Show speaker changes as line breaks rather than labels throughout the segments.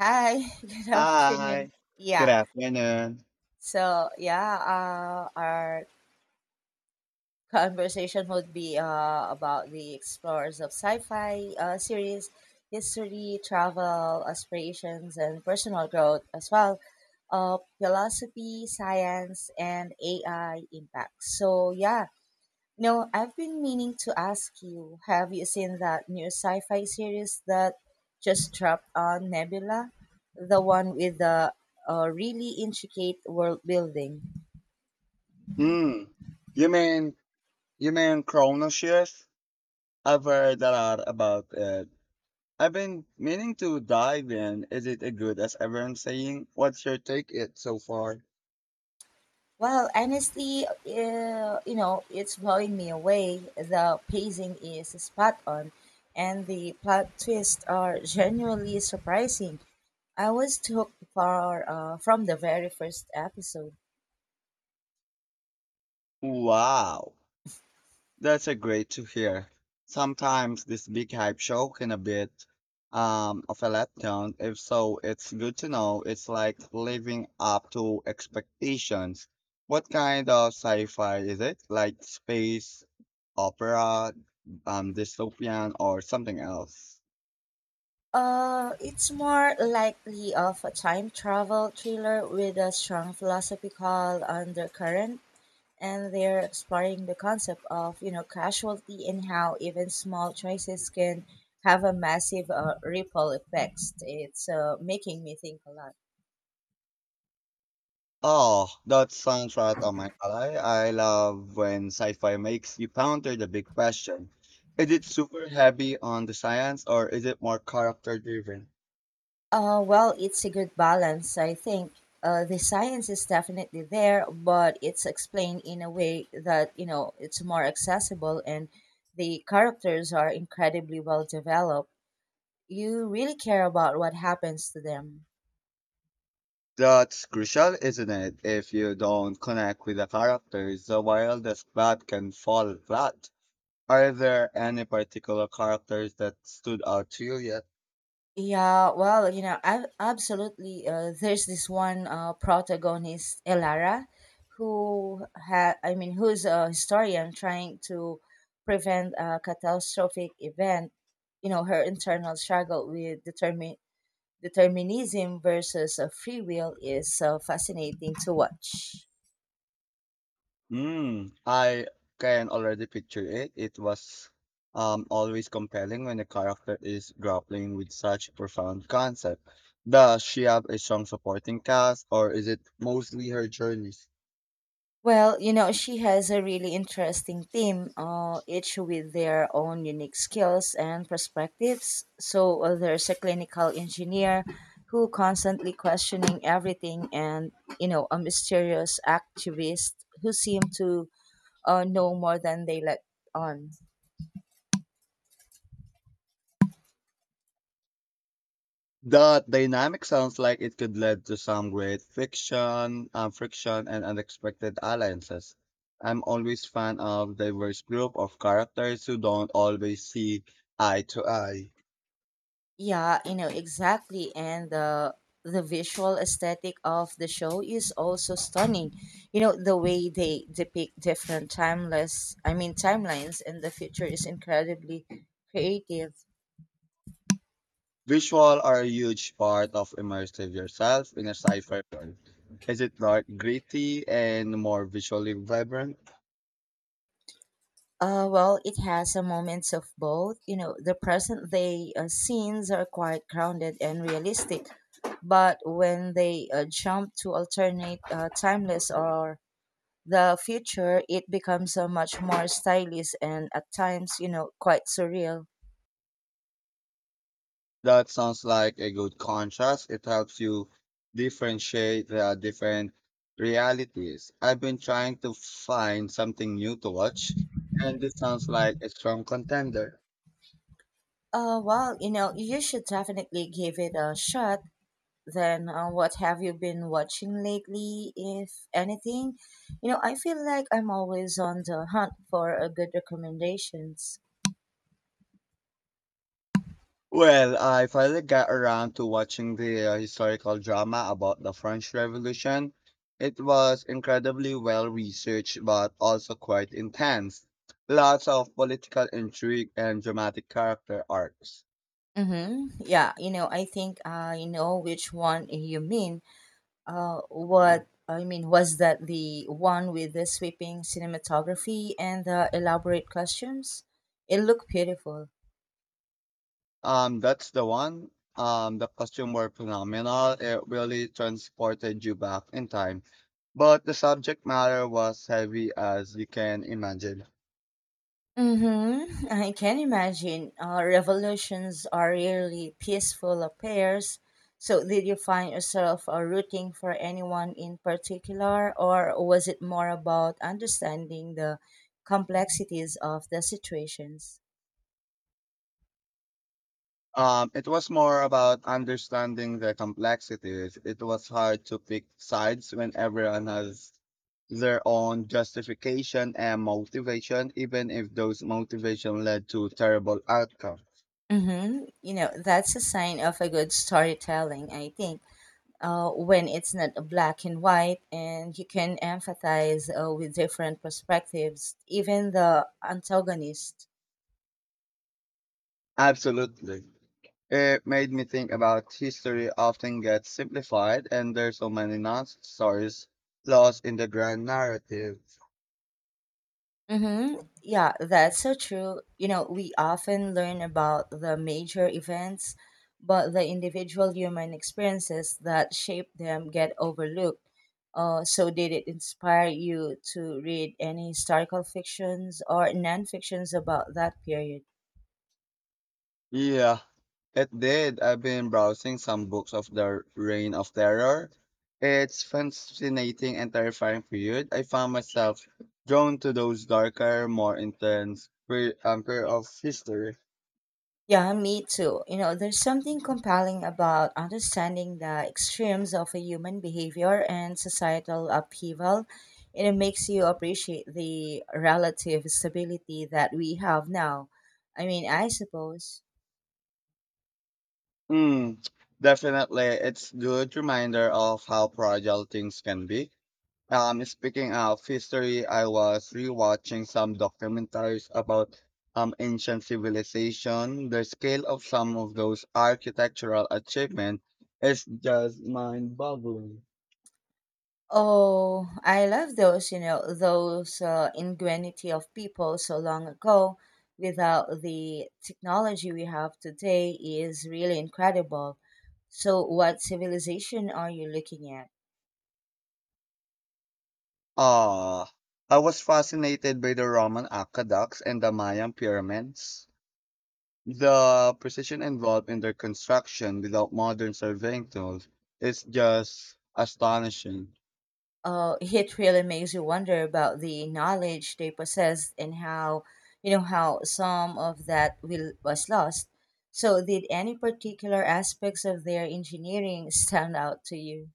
Hi, good
Hi.
afternoon.
Good
Yeah.
afternoon.
Our conversation would be about the explorers of sci-fi series, history, travel, aspirations, and personal growth as well, philosophy, science, and AI impact. So, yeah, no, I've been meaning to ask you, have you seen that new sci-fi series that just dropped on Nebula? The one with the really intricate world building.
Mm. You mean you mean chrono shift? I've heard a lot about it. I've been meaning to dive in. Is it as good as everyone's saying? What's your take it so far?
Well, honestly, it's blowing me away. The pacing is spot on, and the plot twists are genuinely surprising. I was hooked from the very first episode.
Wow. That's a great to hear. Sometimes this big hype show can a bit of a letdown. If so, it's good to know it's like living up to expectations. What kind of sci-fi is it? Like space, opera, dystopian, or something else?
It's more likely of a time travel thriller with a strong philosophical undercurrent, and they're exploring the concept of casualty and how even small choices can have a massive ripple effects. It's making me think a lot.
Oh, that sounds right on my alley. I love when sci-fi makes you ponder the big question. Is it super heavy on the science, or is it more character driven?
Well, it's a good balance, I think. The science is definitely there, but it's explained in a way that, it's more accessible and the characters are incredibly well developed. You really care about what happens to them.
That's crucial, isn't it? If you don't connect with the characters, the wildest plot can fall flat. Are there any particular characters that stood out to you yet?
Yeah, well, I absolutely. There's this one protagonist, Elara, who's a historian trying to prevent a catastrophic event. You know, her internal struggle with determinism versus free will is fascinating to watch.
Hmm, I can already picture it. It was always compelling when a character is grappling with such a profound concept. Does she have a strong supporting cast, or is it mostly her journey?
Well, she has a really interesting team, each with their own unique skills and perspectives. So there's a clinical engineer who constantly questioning everything and, a mysterious activist who seem to know more than they let on.
The dynamic sounds like it could lead to some great friction, and unexpected alliances. I'm always fan of diverse group of characters who don't always see eye to eye.
Yeah, you know, exactly. And the visual aesthetic of the show is also stunning. You know, the way they depict different timeless I mean timelines and the future is incredibly creative.
Visual are a huge part of immersive yourself in a sci-fi world. Is it dark, gritty, and more visually vibrant?
Well, it has a moments of both. You know, the present day scenes are quite grounded and realistic, but when they jump to alternate timeless or the future, it becomes so much more stylish and at times, quite surreal.
That sounds like a good contrast. It helps you differentiate the different realities. I've been trying to find something new to watch, and this sounds like a strong contender.
Uh well, you should definitely give it a shot then. Uh, what have you been watching lately, if anything? I feel like I'm always on the hunt for a good recommendations.
Well, I finally got around to watching the historical drama about the French Revolution. It was incredibly well researched, but also quite intense. Lots of political intrigue and dramatic character arcs.
Mm-hmm. Yeah, I think I know which one you mean. What I mean was that the one with the sweeping cinematography and the elaborate costumes? It looked beautiful.
That's the one. The costume were phenomenal. It really transported you back in time. But the subject matter was heavy as you can imagine.
Mm-hmm. I can imagine. Revolutions are rarely peaceful affairs. So, did you find yourself rooting for anyone in particular, or was it more about understanding the complexities of the situations?
It was more about understanding the complexities. It was hard to pick sides when everyone has their own justification and motivation, even if those motivation led to terrible outcome.
Mm-hmm. You know, that's a sign of a good storytelling, I think, when it's not a black and white and you can empathize, with different perspectives, even the antagonist.
Absolutely. It made me think about history often gets simplified and there's so many nonsense stories lost in the grand narrative.
Mm-hmm. Yeah, that's so true. We often learn about the major events, but the individual human experiences that shape them get overlooked. So did it inspire you to read any historical fictions or non-fictions about that period?
Yeah, it did. I've been browsing some books of the Reign of Terror. It's fascinating and terrifying period. I found myself drawn to those darker, more intense period of history.
Yeah, me too. You know, there's something compelling about understanding the extremes of a human behavior and societal upheaval. And it makes you appreciate the relative stability that we have now. I mean, I suppose.
Mm, definitely, it's good reminder of how fragile things can be. Speaking of history, I was rewatching some documentaries about ancient civilization. The scale of some of those architectural achievements is just mind-boggling.
Oh, I love those, those ingenuity of people so long ago without the technology we have today is really incredible. So, what civilization are you looking at?
Ah, I was fascinated by the Roman aqueducts and the Mayan pyramids. The precision involved in their construction without modern surveying tools is just astonishing.
It really makes you wonder about the knowledge they possessed and how, how some of that will, was lost. So, did any particular aspects of their engineering stand out to you?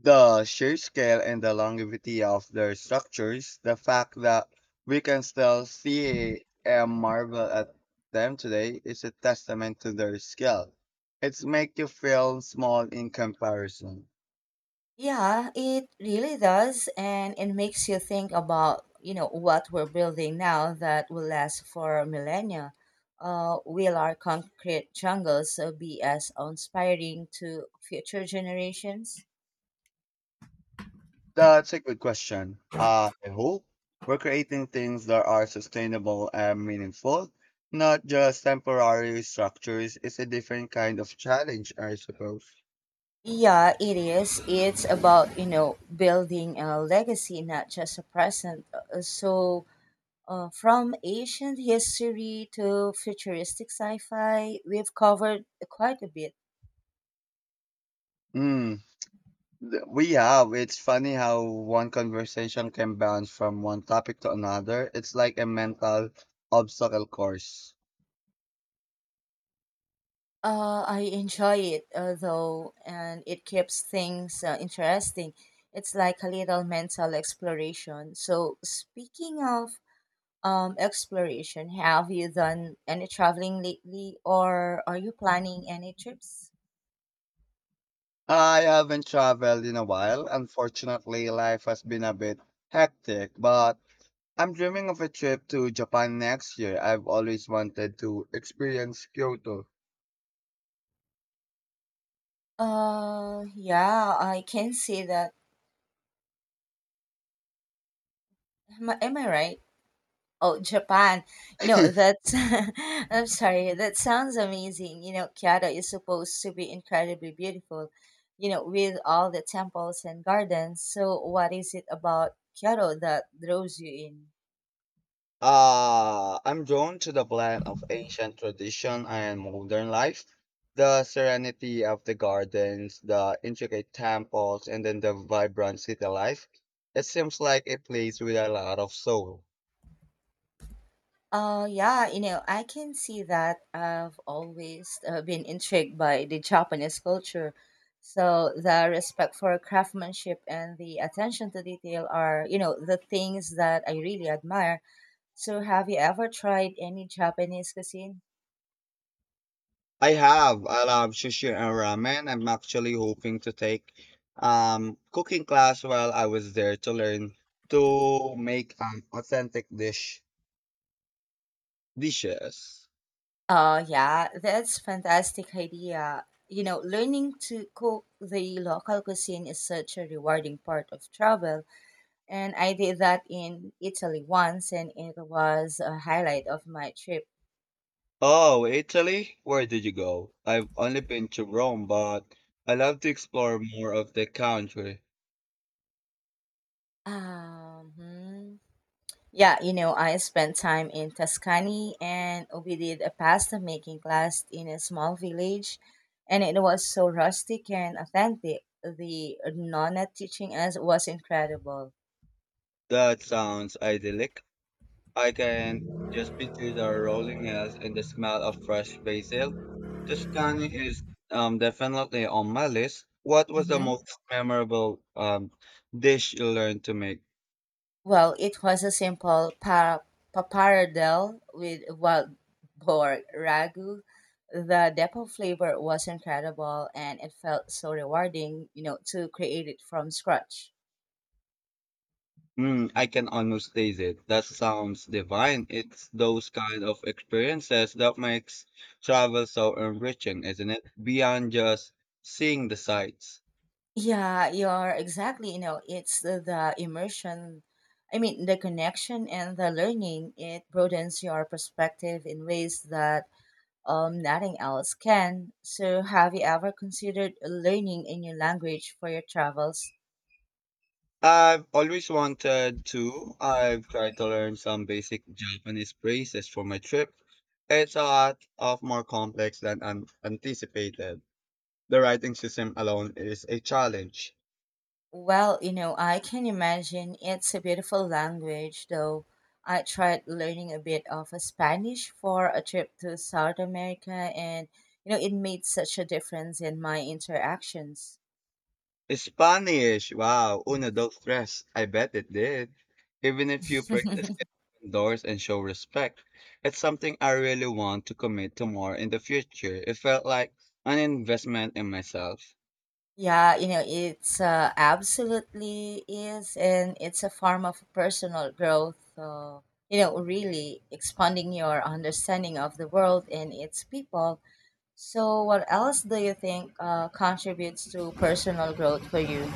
The sheer scale and the longevity of their structures, the fact that we can still see and marvel at them today, is a testament to their scale. It's make you feel small in comparison.
Yeah, it really does, and it makes you think about, what we're building now that will last for millennia. Will our concrete jungles be as inspiring to future generations?
That's a good question. I hope we're creating things that are sustainable and meaningful, not just temporary structures. It's a different kind of challenge, I suppose.
Yeah, it is. It's about, building a legacy, not just a present. So, from ancient history to futuristic sci fi, we've covered quite a bit.
Hmm. We have. It's funny how one conversation can bounce from one topic to another. It's like a mental obstacle course.
I enjoy it, though, and it keeps things interesting. It's like a little mental exploration. So, speaking of exploration, have you done any traveling lately, or are you planning any trips?
I haven't traveled in a while. Unfortunately, life has been a bit hectic, but I'm dreaming of a trip to Japan next year. I've always wanted to experience Kyoto.
Yeah, I can see that. Am I right? Oh, Japan. You know, that's, I'm sorry, that sounds amazing. You know, Kyoto is supposed to be incredibly beautiful, with all the temples and gardens. So, what is it about Kyoto that draws you in?
I'm drawn to the blend of ancient tradition and modern life, the serenity of the gardens, the intricate temples, and then the vibrant city life. It seems like a place with a lot of soul.
Yeah, I can see that. I've always been intrigued by the Japanese culture. So the respect for craftsmanship and the attention to detail are, the things that I really admire. So have you ever tried any Japanese cuisine?
I have. I love sushi and ramen. I'm actually hoping to take cooking class while I was there to learn to make authentic dishes.
Oh, yeah, that's fantastic idea. You know, learning to cook the local cuisine is such a rewarding part of travel. And I did that in Italy once, and it was a highlight of my trip.
Oh, Italy? Where did you go? I've only been to Rome, but I love to explore more of the country.
Um, hmm. Yeah, I spent time in Tuscany, and we did a pasta making class in a small village, and it was so rustic and authentic. The nonna teaching us was incredible.
That sounds idyllic. I can just picture the rolling hills and the smell of fresh basil. Tuscany is definitely on my list. What was the
hmm
most memorable dish you learned to make?
Well, it was a simple pappardelle with wild boar ragu. The depth of flavor was incredible, and it felt so rewarding, to create it from scratch.
Mm, I can almost taste it. That sounds divine. It's those kind of experiences that makes travel so enriching, isn't it? Beyond just seeing the sights.
Yeah, you're exactly, you know, it's the immersion, I mean, the connection and the learning. It broadens your perspective in ways that nothing else can. So, have you ever considered learning a new language for your travels?
I've always wanted to. I've tried to learn some basic Japanese phrases for my trip. It's a lot of more complex than an anticipated. The writing system alone is a challenge.
Well, I can imagine it's a beautiful language, though I tried learning a bit of Spanish for a trip to South America, and, it made such a difference in my interactions.
Spanish, wow, uno, dos, tres. I bet it did even if you practice doors and show respect. It's something I really want to commit to more in the future. It felt like an investment in myself.
Yeah, you know, it's absolutely is, and it's a form of personal growth, really expanding your understanding of the world and its people. So, what else do you think contributes to personal growth for you?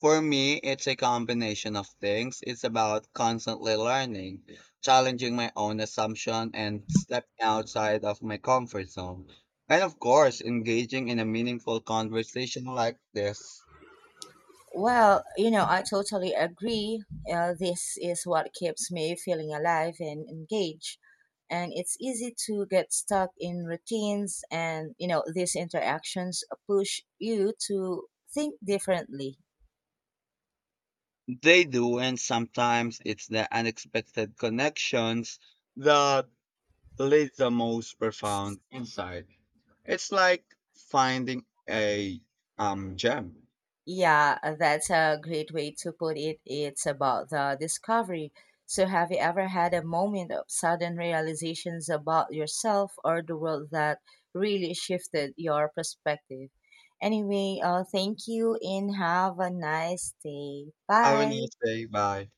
For me, it's a combination of things. It's about constantly learning, challenging my own assumption, and stepping outside of my comfort zone. And of course, engaging in a meaningful conversation like this.
Well, I totally agree. This is what keeps me feeling alive and engaged. And it's easy to get stuck in routines, and, these interactions push you to think differently.
They do, and sometimes it's the unexpected connections that lead the most profound insight. It's like finding a gem.
Yeah, that's a great way to put it. It's about the discovery. So, have you ever had a moment of sudden realizations about yourself or the world that really shifted your perspective? Anyway, thank you and have a nice day.
I will
Bye.
not say bye.